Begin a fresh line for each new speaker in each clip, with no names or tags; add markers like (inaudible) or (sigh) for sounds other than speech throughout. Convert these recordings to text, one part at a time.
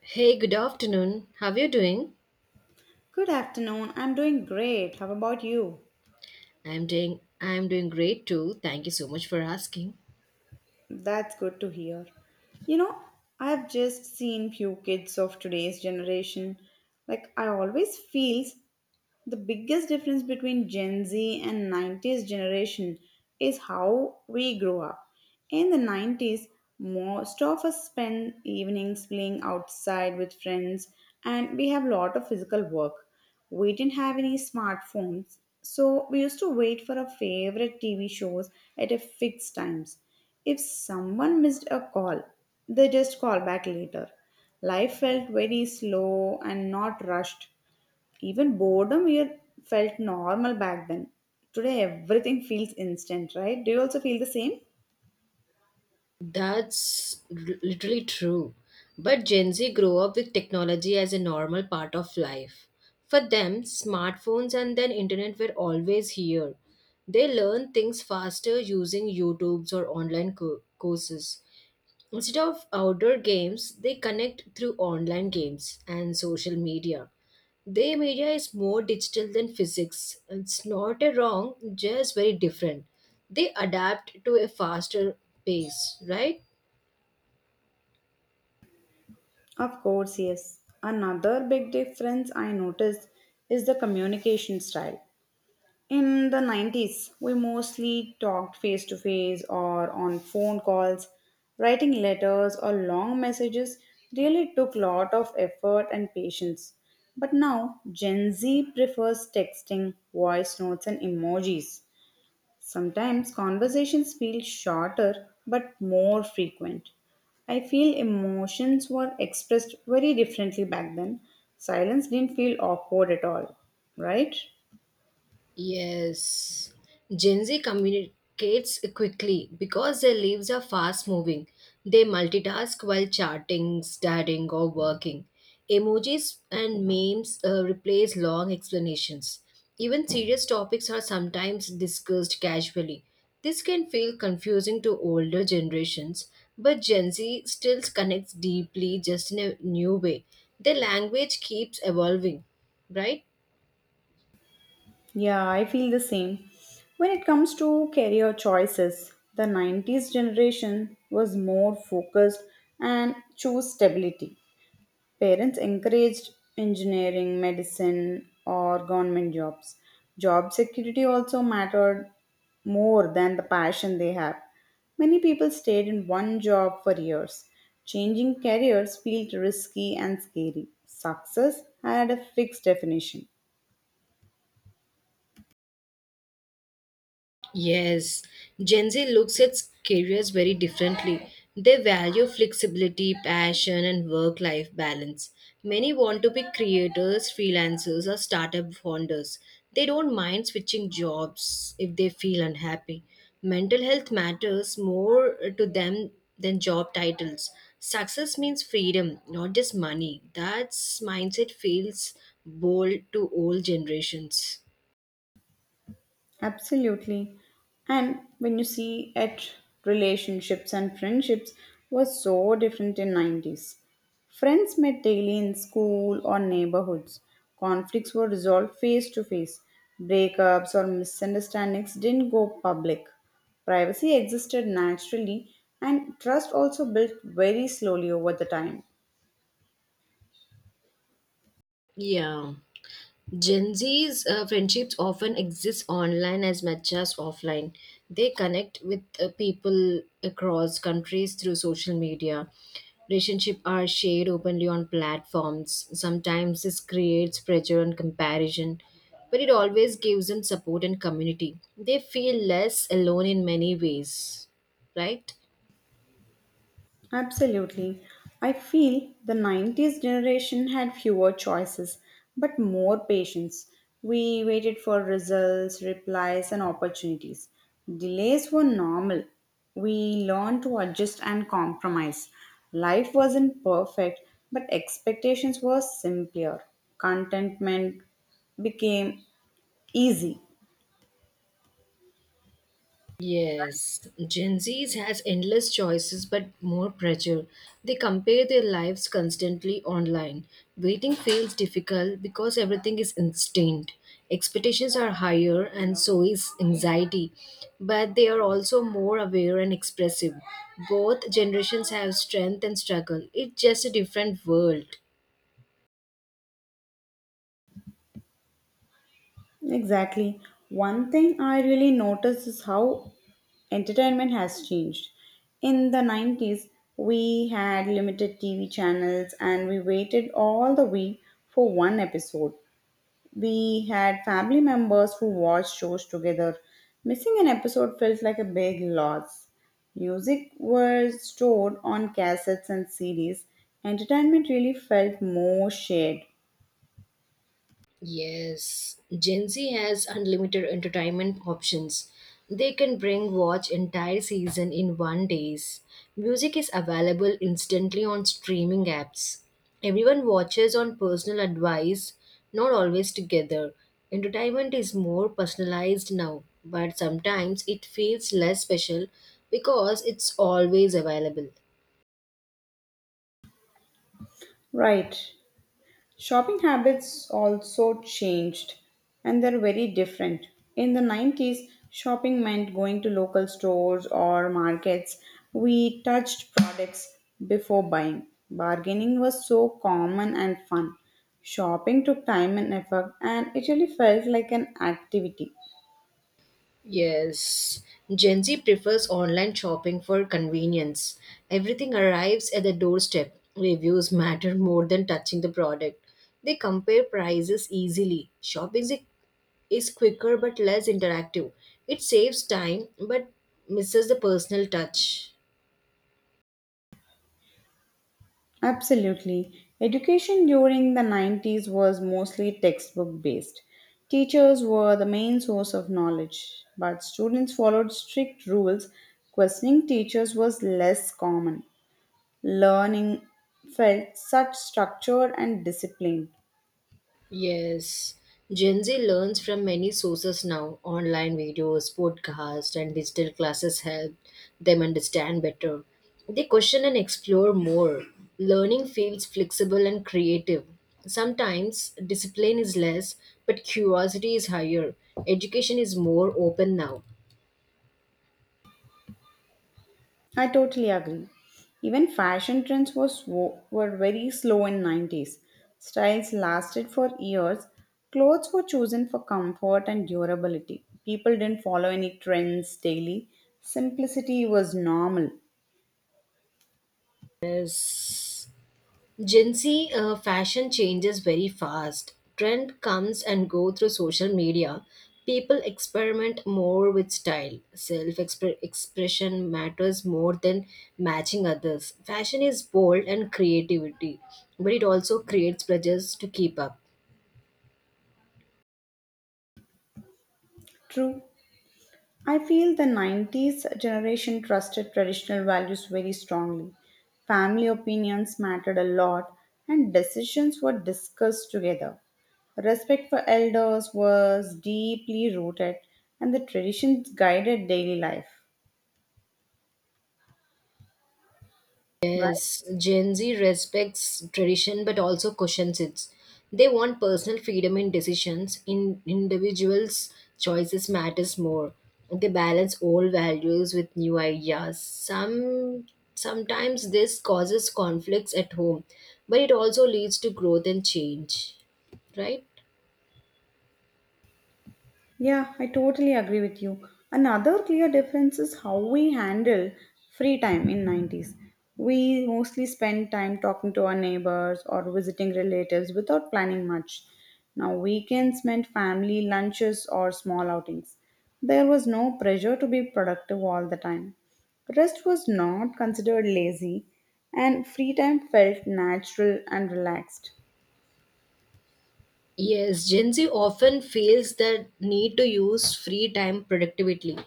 Hey, good afternoon. How are you doing?
Good afternoon. I'm doing great. How about you?
I'm doing great too. Thank you so much for asking.
That's good to hear. You know, I've just seen few kids of today's generation. Like I always feels The biggest difference between Gen Z and 90s generation is how we grow up. In the 90s, most of us spend evenings playing outside with friends and we have a lot of physical work. We didn't have any smartphones, so we used to wait for our favorite TV shows at a fixed times. If someone missed a call, they just call back later. Life felt very slow and not rushed. Even boredom here felt normal back then. Today everything feels instant, right? Do you also feel the same?
Literally true. But Gen Z grew up with technology as a normal part of life. For them, smartphones and then internet were always here. They learn things faster using YouTubes or courses. Instead of outdoor games, they connect through online games and social media. Their media is more digital than physics. It's not a wrong, just very different. They adapt to a faster pace, right?
Of course, yes. Another big difference I noticed is the communication style. In the 90s, we mostly talked face to face or on phone calls. Writing letters or long messages really took lot of effort and patience. But now, Gen Z prefers texting, voice notes, and emojis. Sometimes conversations feel shorter but more frequent. I feel emotions were expressed very differently back then. Silence didn't feel awkward at all, right?
Yes. Gen Z communicates quickly because their lives are fast moving. They multitask while chatting, studying, or working. Emojis and memes replace long explanations. Even serious topics are sometimes discussed casually. This can feel confusing to older generations, but Gen Z still connects deeply just in a new way. Their language keeps evolving, right?
Yeah, I feel the same. When it comes to career choices, the 90s generation was more focused and chose stability. Parents encouraged engineering, medicine, or government jobs. Job security also mattered more than the passion they have. Many people stayed in one job for years. Changing careers felt risky and scary. Success had a fixed definition.
Yes, Gen Z looks at careers very differently. They value flexibility, passion, and work life balance. Many want to be creators, freelancers, or startup founders. They don't mind switching jobs if they feel unhappy. Mental health matters more to them than job titles. Success means freedom, not just money. That mindset feels bold to old generations.
Absolutely. And when you see at relationships and friendships were so different in 90s. Friends met daily in school or neighborhoods. Conflicts were resolved face to face. Breakups or misunderstandings didn't go public. Privacy existed naturally and trust also built very slowly over the time.
Yeah. Gen Z's friendships often exist online as much as offline. They connect with people across countries through social media. Relationships are shared openly on platforms. Sometimes this creates pressure and comparison, but it always gives them support and community. They feel less alone in many ways, right?
Absolutely. I feel the 90s generation had fewer choices but more patience. We waited for results, replies, and opportunities. Delays were normal. We learned to adjust and compromise. Life wasn't perfect, but expectations were simpler. Contentment became easy.
Yes, Gen Zs has endless choices but more pressure. They compare their lives constantly online. Waiting feels difficult because everything is instant. Expectations are higher and so is anxiety. But they are also more aware and expressive. Both generations have strength and struggle. It's just a different world.
Exactly. One thing I really notice is how entertainment has changed. In the 90s, we had limited TV channels and we waited all the week for one episode. We had family members who watched shows together. Missing an episode felt like a big loss. Music was stored on cassettes and CDs. Entertainment really felt more shared.
Yes, Gen Z has unlimited entertainment options. They can bring watch entire season in one days. Music is available instantly on streaming apps. Everyone watches on personal advice, not always together. Entertainment is more personalized now, but sometimes it feels less special because it's always available.
Right. Shopping habits also changed and they're very different. In the 90s, shopping meant going to local stores or markets. We touched products before buying. Bargaining was so common and fun. Shopping took time and effort, and it really felt like an activity.
Yes, Gen Z prefers online shopping for convenience. Everything arrives at the doorstep. Reviews matter more than touching the product. They compare prices easily. Shopping is quicker but less interactive. It saves time but misses the personal touch.
Absolutely. Education during the 90s was mostly textbook based. Teachers were the main source of knowledge, but students followed strict rules. Questioning teachers was less common. Learning felt such structured and disciplined.
Yes, Gen Z learns from many sources now. Online videos, podcasts, and digital classes help them understand better. They question and explore more. Learning feels flexible and creative. Sometimes discipline is less, but curiosity is higher. Education is more open now.
I totally agree. Even fashion trends was were very slow in 90s. Styles lasted for years. Clothes were chosen for comfort and durability. People didn't follow any trends daily. Simplicity was normal.
Yes. Gen Z fashion changes very fast. Trend comes and go through social media. People experiment more with style. Self expression matters more than matching others. Fashion is bold and creativity, but it also creates pressures to keep up.
True. I feel the 90s generation trusted traditional values very strongly. Family opinions mattered a lot, and decisions were discussed together. Respect for elders was deeply rooted, and the traditions guided daily life, right?
Yes, Gen Z respects tradition but also cushions it. They want personal freedom in decisions. In individuals' choices matters more. They balance old values with new ideas. Sometimes this causes conflicts at home, but it also leads to growth and change. Right?
Yeah, I totally agree with you. Another clear difference is how we handle free time in 90s. We mostly spend time talking to our neighbors or visiting relatives without planning much. Now weekends meant family lunches or small outings. There was no pressure to be productive all the time. Rest was not considered lazy and free time felt natural and relaxed.
Yes, Gen Z often feels the need to use free time productively.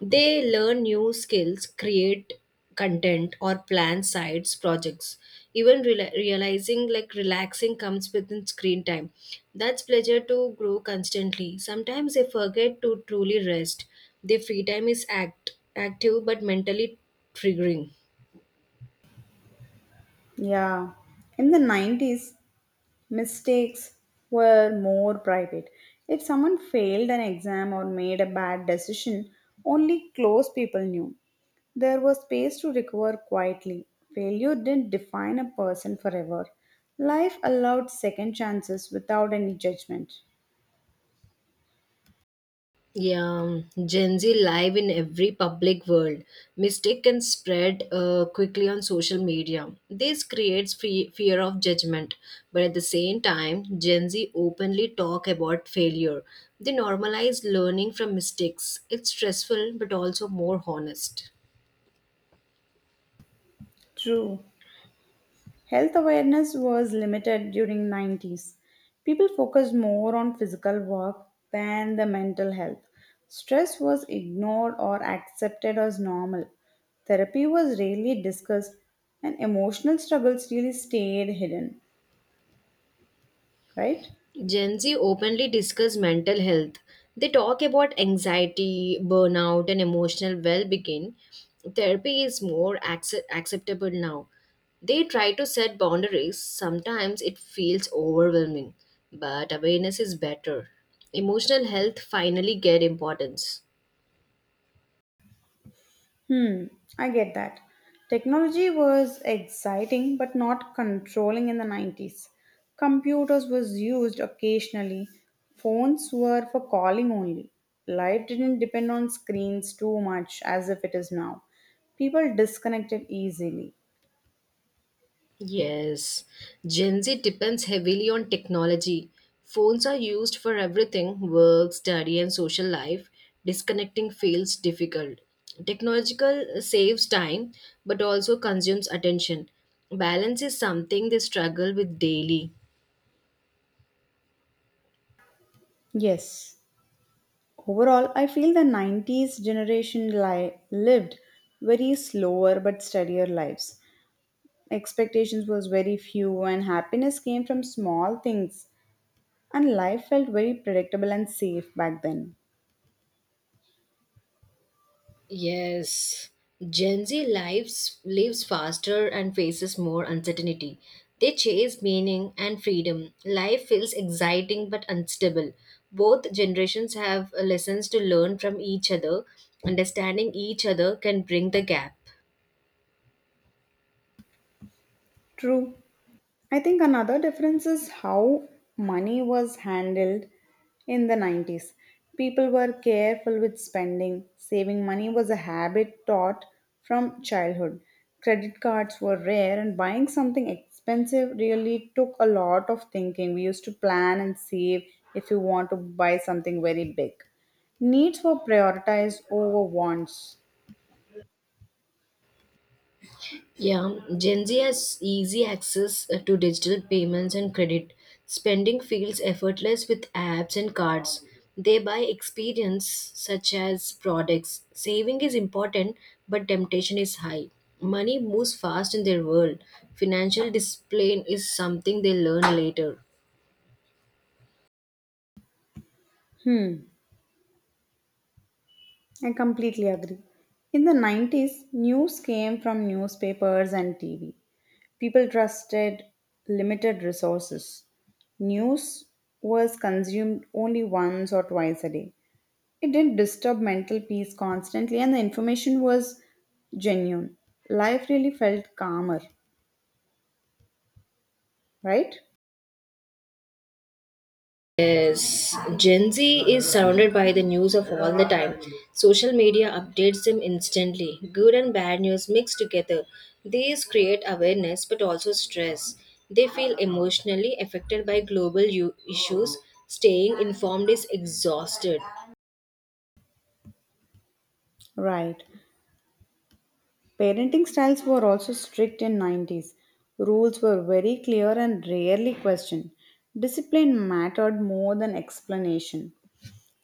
They learn new skills, create content, or plan sides projects. Even realizing like relaxing comes within screen time. That's pleasure to grow constantly. Sometimes they forget to truly rest. Their free time is act active but mentally triggering.
Yeah. In the 90s, mistakes were more private. If someone failed an exam or made a bad decision, only close people knew. There was space to recover quietly. Failure didn't define a person forever. Life allowed second chances without any judgment.
Yeah, Gen Z live in every public world. Mistake can spread quickly on social media. This creates fear of judgment. But at the same time, Gen Z openly talk about failure. They normalize learning from mistakes. It's stressful but also more honest.
True. Health awareness was limited during 90s. People focused more on physical work than the mental health. Stress was ignored or accepted as normal. Therapy was rarely discussed and emotional struggles really stayed hidden, right?
Gen Z openly discuss mental health. They talk about anxiety, burnout, and emotional well being. Therapy is acceptable now. They try to set boundaries. Sometimes it feels overwhelming, but awareness is better. Emotional health finally get importance.
Hmm, I get that. Technology was exciting but not controlling in the 90s. Computers was used occasionally. Phones were for calling only. Life didn't depend on screens too much as if it is now. People disconnected easily.
Yes, Gen Z depends heavily on technology. Phones are used for everything work, study, and social life. Disconnecting feels difficult. Technological saves time but also consumes attention. Balance is something they struggle with daily.
Yes. Overall, I feel the 90s generation lived very slower but steadier lives. Expectations was very few and happiness came from small things. And life felt very predictable and safe back then.
Yes, Gen Z lives faster and faces more uncertainty. They chase meaning and freedom. Life feels exciting but unstable. Both generations have lessons to learn from each other. Understanding each other can bring the gap.
True. I think another difference is how money was handled in the 90s. People were careful with spending. Saving money was a habit taught from childhood. Credit cards were rare, and buying something expensive really took a lot of thinking. We used to plan and save if you want to buy something very big. Needs were prioritized over wants.
Yeah, Gen Z has easy access to digital payments and credit. Spending feels effortless with apps and cards. They buy experience such as products. Saving is important, but temptation is high. Money moves fast in their world. Financial discipline is something they learn later.
Hmm. I completely agree. In the 90s, news came from newspapers and TV. People trusted limited resources. News was consumed only once or twice a day. It didn't disturb mental peace constantly, and the information was genuine. Life really felt calmer, right?
Yes, Gen Z is surrounded by the news of all the time. Social media updates them instantly. Good and bad news mixed together. These create awareness but also stress. They feel emotionally affected by issues. Staying informed is exhausted.
Right. Parenting styles were also strict in 90s. Rules were very clear and rarely questioned. Discipline mattered more than explanation.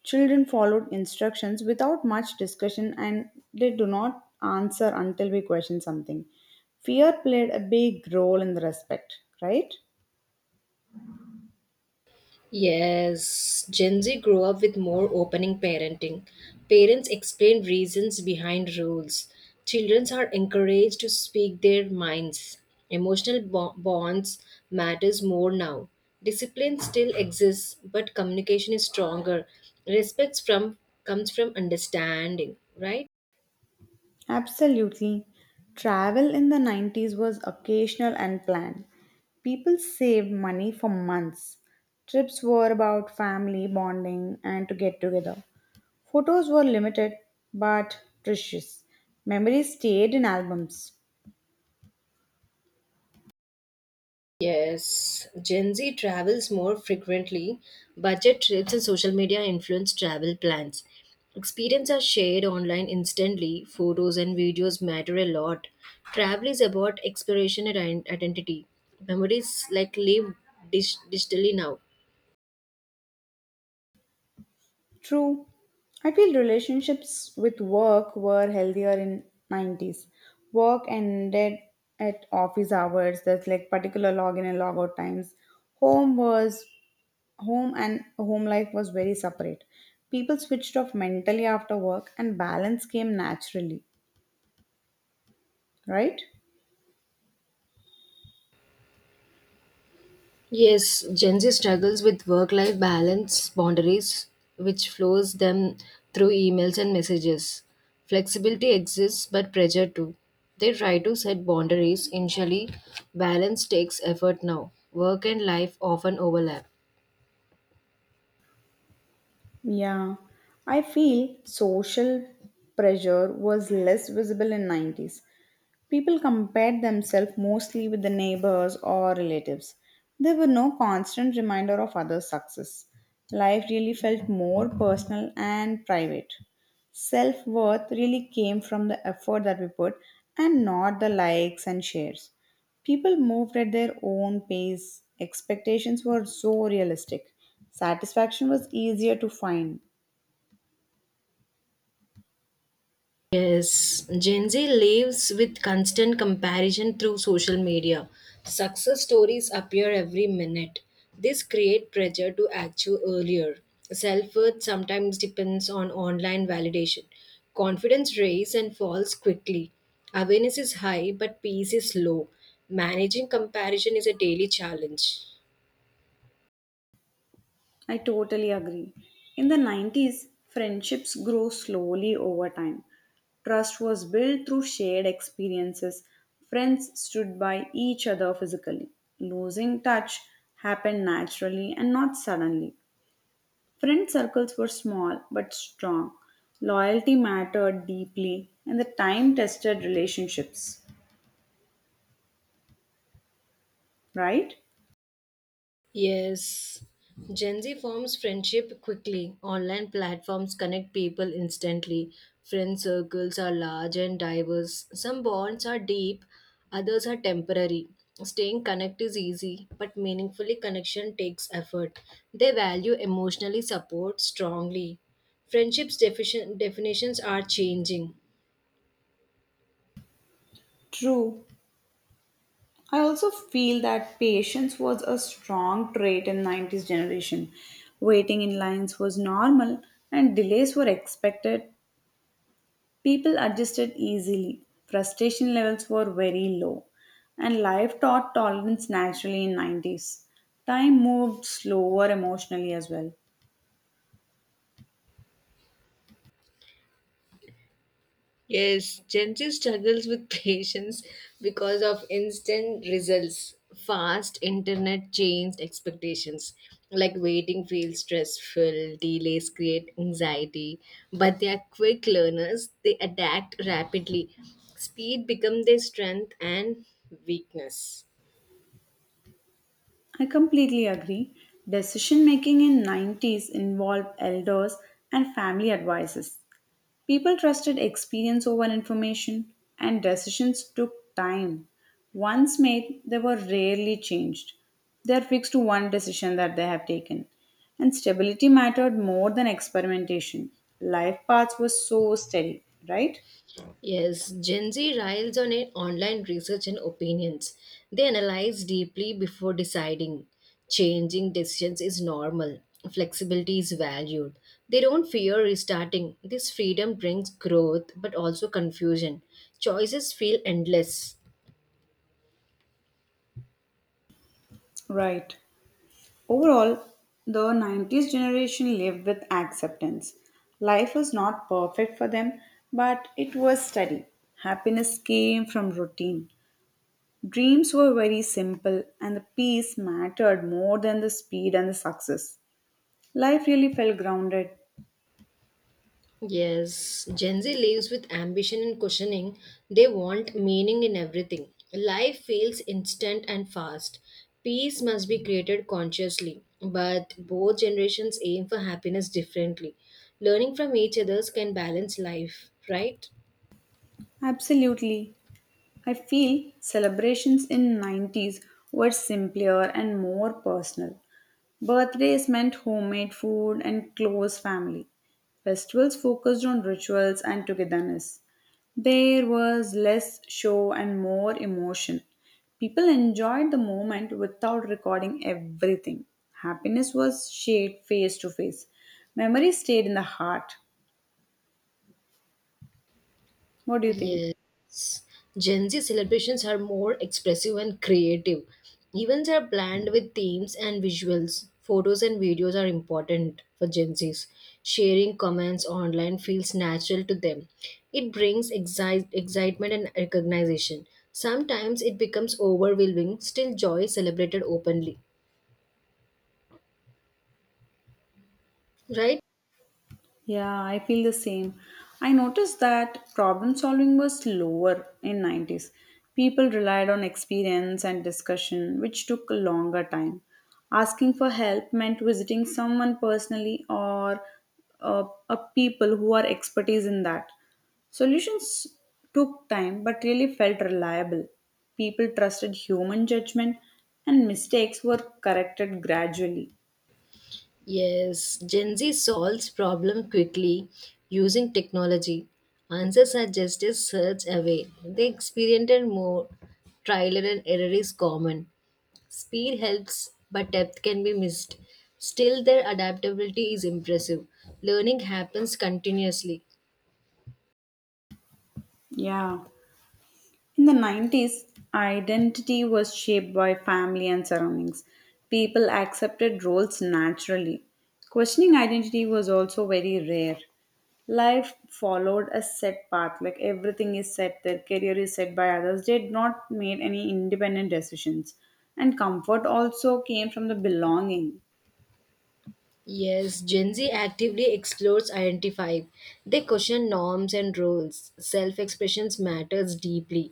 Children followed instructions without much discussion and they do not answer until we question something. Fear played a big role in the respect, right?
Yes, Gen Z grew up with more opening parenting. Parents explain reasons behind rules. Children are encouraged to speak their minds. Bonds matters more now. Discipline still exists, but communication is stronger. Respect from comes from understanding, right?
Absolutely. Travel in the 90s was occasional and planned. People saved money for months. Trips were about family bonding and to get together. Photos were limited but precious. Memories stayed in albums.
Yes, Gen Z travels more frequently. Budget trips and social media influence travel plans. Experiences are shared online instantly. Photos and videos matter a lot. Travel is about exploration and identity. Memories like live digitally now.
True. I feel relationships with work were healthier in 90s. Work ended at office hours, that's like particular login and logout times. Home was home and home life was very separate. People switched off mentally after work and balance came naturally, right?
Yes, Gen Z struggles with work life balance boundaries, which flows them through emails and messages. Flexibility exists, but pressure too. They try to set boundaries initially. Balance takes effort now. Work and life often overlap.
Yeah, I feel social pressure was less visible in 90s. People compared themselves mostly with the neighbors or relatives. There were no constant reminder of others' success. Life really felt more personal and private. Self worth really came from the effort that we put and not the likes and shares. People moved at their own pace. Expectations were so realistic. Satisfaction was easier to find.
Yes, Gen Z lives with constant comparison through social media. Success stories appear every minute. This creates pressure to achieve earlier. Self-worth sometimes depends on online validation. Confidence rises and falls quickly. Awareness is high, but peace is low. Managing comparison is a daily challenge.
I totally agree. In the 90s, friendships grew slowly over time. Trust was built through shared experiences. Friends stood by each other physically. Losing touch happened naturally and not suddenly. Friend circles were small but strong. Loyalty mattered deeply in the time tested relationships, right?
Yes. Gen Z forms friendship quickly. Online platforms connect people instantly. Friend circles are large and diverse. Some bonds are deep, others are temporary. Staying connected is easy, but meaningfully connection takes effort. They value emotionally support strongly. Definitions are changing.
True. I also feel that patience was a strong trait in 90s generation. Waiting in lines was normal and delays were expected. People adjusted easily. Frustration levels were very low and life taught tolerance naturally in 90s. Time moved slower emotionally as well.
Yes, Gen Z struggles with (laughs) patience because of instant results, fast internet changed expectations. Like waiting feels stressful, delays create anxiety, but they are quick learners, they adapt rapidly. Speed becomes their strength and weakness.
I completely agree. Decision making in 90s involved elders and family advices. People trusted experience over information, and decisions took time. Once made, they were rarely changed. They are fixed to one decision that they have taken. And stability mattered more than experimentation. Life paths were so steady, right?
Yes, Gen Z riles on online research and opinions. They analyze deeply before deciding. Changing decisions is normal. Flexibility is valued. They don't fear restarting. This freedom brings growth but also confusion. Choices feel endless.
Right. Overall, the 90s generation lived with acceptance. Life was not perfect for them, but it was steady. Happiness came from routine. Dreams were very simple, and the peace mattered more than the speed and the success. Life really felt grounded.
Yes, Gen Z lives with ambition and questioning. They want meaning in everything. Life feels instant and fast. Peace must be created consciously, but both generations aim for happiness differently. Learning from each other's can balance life, right?
Absolutely. I feel celebrations in 90s were simpler and more personal. Birthdays meant homemade food and close family. Festivals focused on rituals and togetherness. There was less show and more emotion. People enjoyed the moment without recording everything. Happiness was shared face to face. Memory stayed in the heart. What do you think?
Yes, Gen Z celebrations are more expressive and creative. Events are planned with themes and visuals. Photos and videos are important for Gen Zs. Sharing comments online feels natural to them. It brings excitement and recognition. Sometimes it becomes overwhelming, still, joy is celebrated openly. Right?
Yeah, I feel the same. I noticed that problem solving was lower in 90s. People relied on experience and discussion, which took a longer time. Asking for help meant visiting someone personally or uh, a people who are expertise in that. Solutions took time but really felt reliable. People trusted human judgment and mistakes were corrected gradually.
Yes, Gen Z solves problem quickly using technology. Answers are just a search away. They experimented more. Trial and error is common. Speed helps, but depth can be missed. Still, their adaptability is impressive. Learning happens continuously.
Yeah. In the 90s, identity was shaped by family and surroundings. People accepted roles naturally. Questioning identity was also very rare. Life followed a set path, like everything is set, their career is set by others. They had not made any independent decisions. And comfort also came from the belonging.
Yes, Gen Z actively explores identify. They question norms and roles. Self expression matters deeply.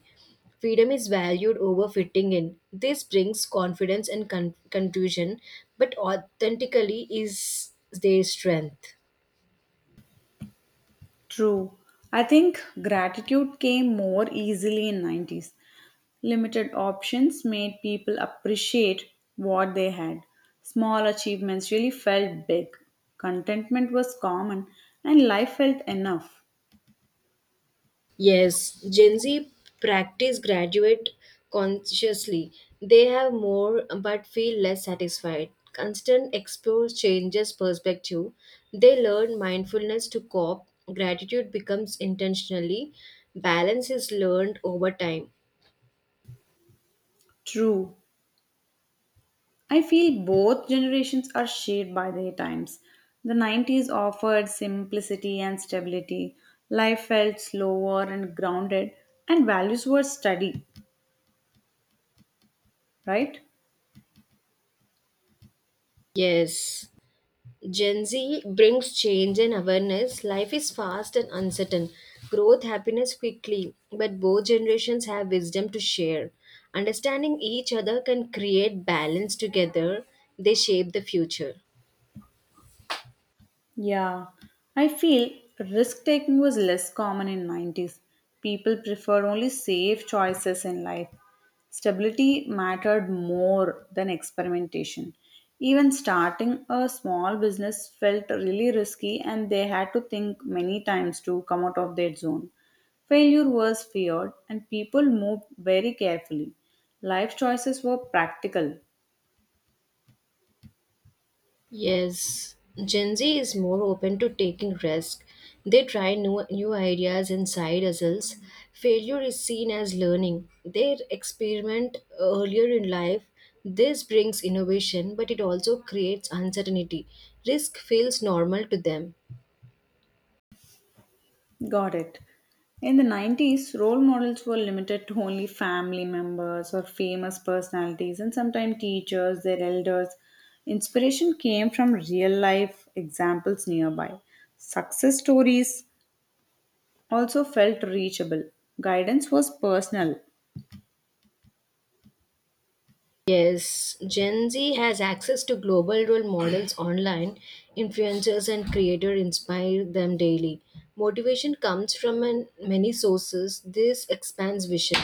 Freedom is valued over fitting in. This brings confidence and confusion, but authentically is their strength.
True. I think gratitude came more easily in 90s. Limited options made people appreciate what they had. Small achievements really felt big. Contentment was common and life felt enough.
Yes, Gen Z practice graduate consciously. They have more but feel less satisfied. Constant exposure changes perspective. They learn mindfulness to cope. Gratitude becomes intentionally. Balance is learned over time.
True. I feel both generations are shaped by their times. The 90s offered simplicity and stability. Life felt slower and grounded and values were steady, right?
Yes. Gen Z brings change and awareness. Life is fast and uncertain. Growth happiness quickly, but both generations have wisdom to share. Understanding each other can create balance together. They shape the future.
Yeah, I feel risk taking was less common in 90s. People preferred only safe choices in life. Stability mattered more than experimentation. Even starting a small business felt really risky and they had to think many times to come out of their zone. Failure was feared and people moved very carefully. Life choices were practical.
Yes, Gen Z is more open to taking risks. They try new ideas and side hustles. Failure is seen as learning. They experiment earlier in life. This brings innovation, but it also creates uncertainty. Risk feels normal to them.
Got it. In the 90s, role models were limited to only family members or famous personalities and sometimes teachers, their elders. Inspiration came from real life examples nearby. Success stories also felt reachable. Guidance was personal.
Yes, Gen Z has access to global role models (clears throat) online. Influencers and creators inspire them daily. Motivation comes from many sources. This expands vision,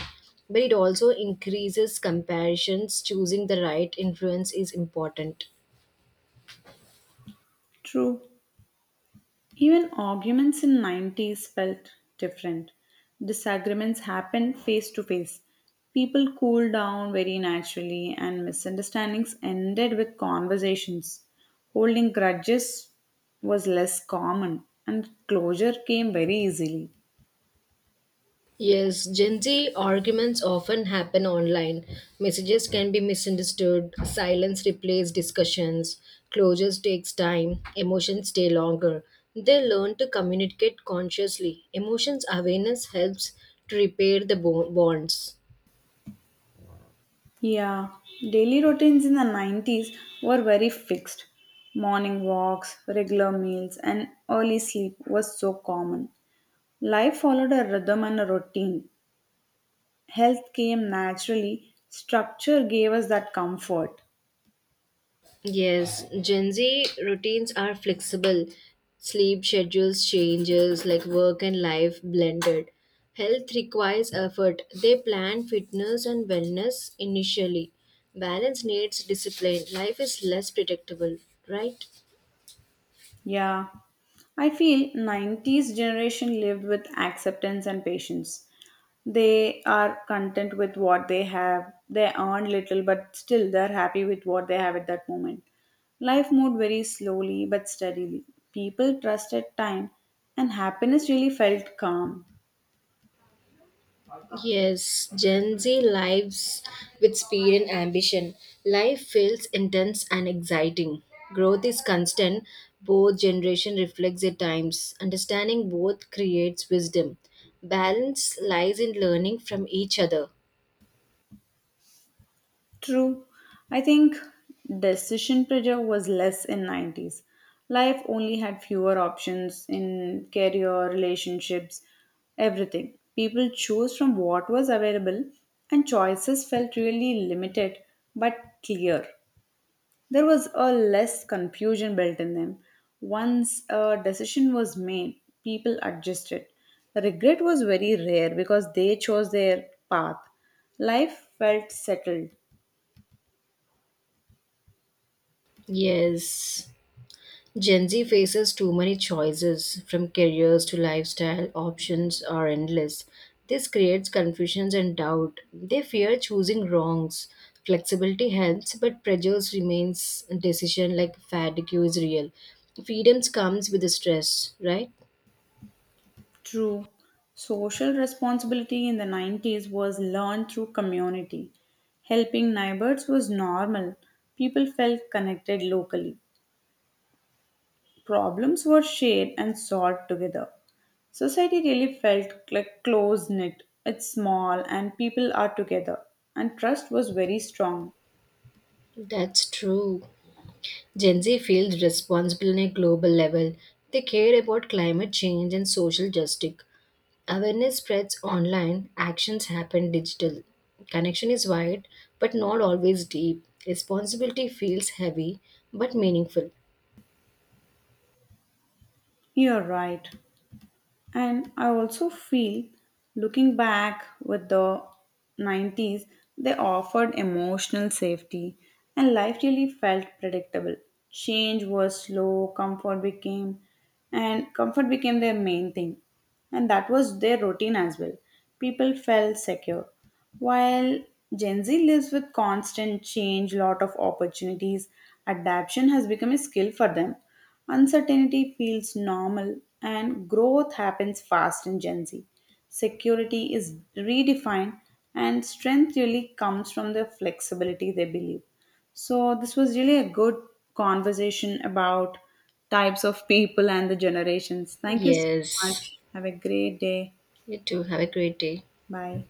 but it also increases comparisons. Choosing the right influence is important.
True. Even arguments in 90s felt different. Disagreements happened face to face. People cooled down very naturally and misunderstandings ended with conversations. Holding grudges was less common and closure came very easily.
Yes, Gen Z arguments often happen online. Messages can be misunderstood, silence replaces discussions, closures takes time, emotions stay longer. They learn to communicate consciously. Emotions awareness helps to repair the bonds.
Yeah, daily routines in the 90s were very fixed. Morning walks, regular meals, and early sleep was so common. Life followed a rhythm and a routine. Health came naturally, structure gave us that comfort.
Yes, Gen Z routines are flexible. Sleep schedules changes like work and life blended. Health requires effort. They plan fitness and wellness initially. Balance needs discipline. Life is less predictable, right?
Yeah. I feel 90s generation lived with acceptance and patience. They are content with what they have. They earn little but still they're happy with what they have at that moment. Life moved very slowly but steadily. People trusted time and happiness really felt calm.
Yes, Gen Z lives with speed and ambition. Life feels intense and exciting. Growth is constant. Both generation reflects their times. Understanding both creates wisdom. Balance lies in learning from each other.
True. I think decision pressure was less in 90s. Life only had fewer options in career, relationships, everything. People chose from what was available and choices felt really limited but clear. There was a less confusion built in them. Once a decision was made, people adjusted. Regret was very rare because they chose their path. Life felt settled.
Yes. Gen Z faces too many choices, from careers to lifestyle, options are endless. This creates confusions and doubt. They fear choosing wrongs. Flexibility helps, but prejudice remains decision like fatigue is real. Freedoms comes with the stress, right?
True. Social responsibility in the 90s was learned through community. Helping neighbors was normal. People felt connected locally. Problems were shared and solved together. Society really felt like close knit. It's small and people are together. And trust was very strong.
That's true. Gen Z feels responsible on a global level. They care about climate change and social justice. Awareness spreads online, actions happen digital. Connection is wide, but not always deep. Responsibility feels heavy, but meaningful.
You're right. And I also feel looking back with the 90s, they offered emotional safety and life really felt predictable. Change was slow, comfort became their main thing and that was their routine as well. People felt secure. While Gen Z lives with constant change, lot of opportunities, adaptation has become a skill for them. Uncertainty feels normal and growth happens fast in Gen Z. Security is redefined and strength really comes from the flexibility they believe. So, this was really a good conversation about types of people and the generations. Thank you so much.
Yes,
Have a great day.
you too. Have a great day.
Bye.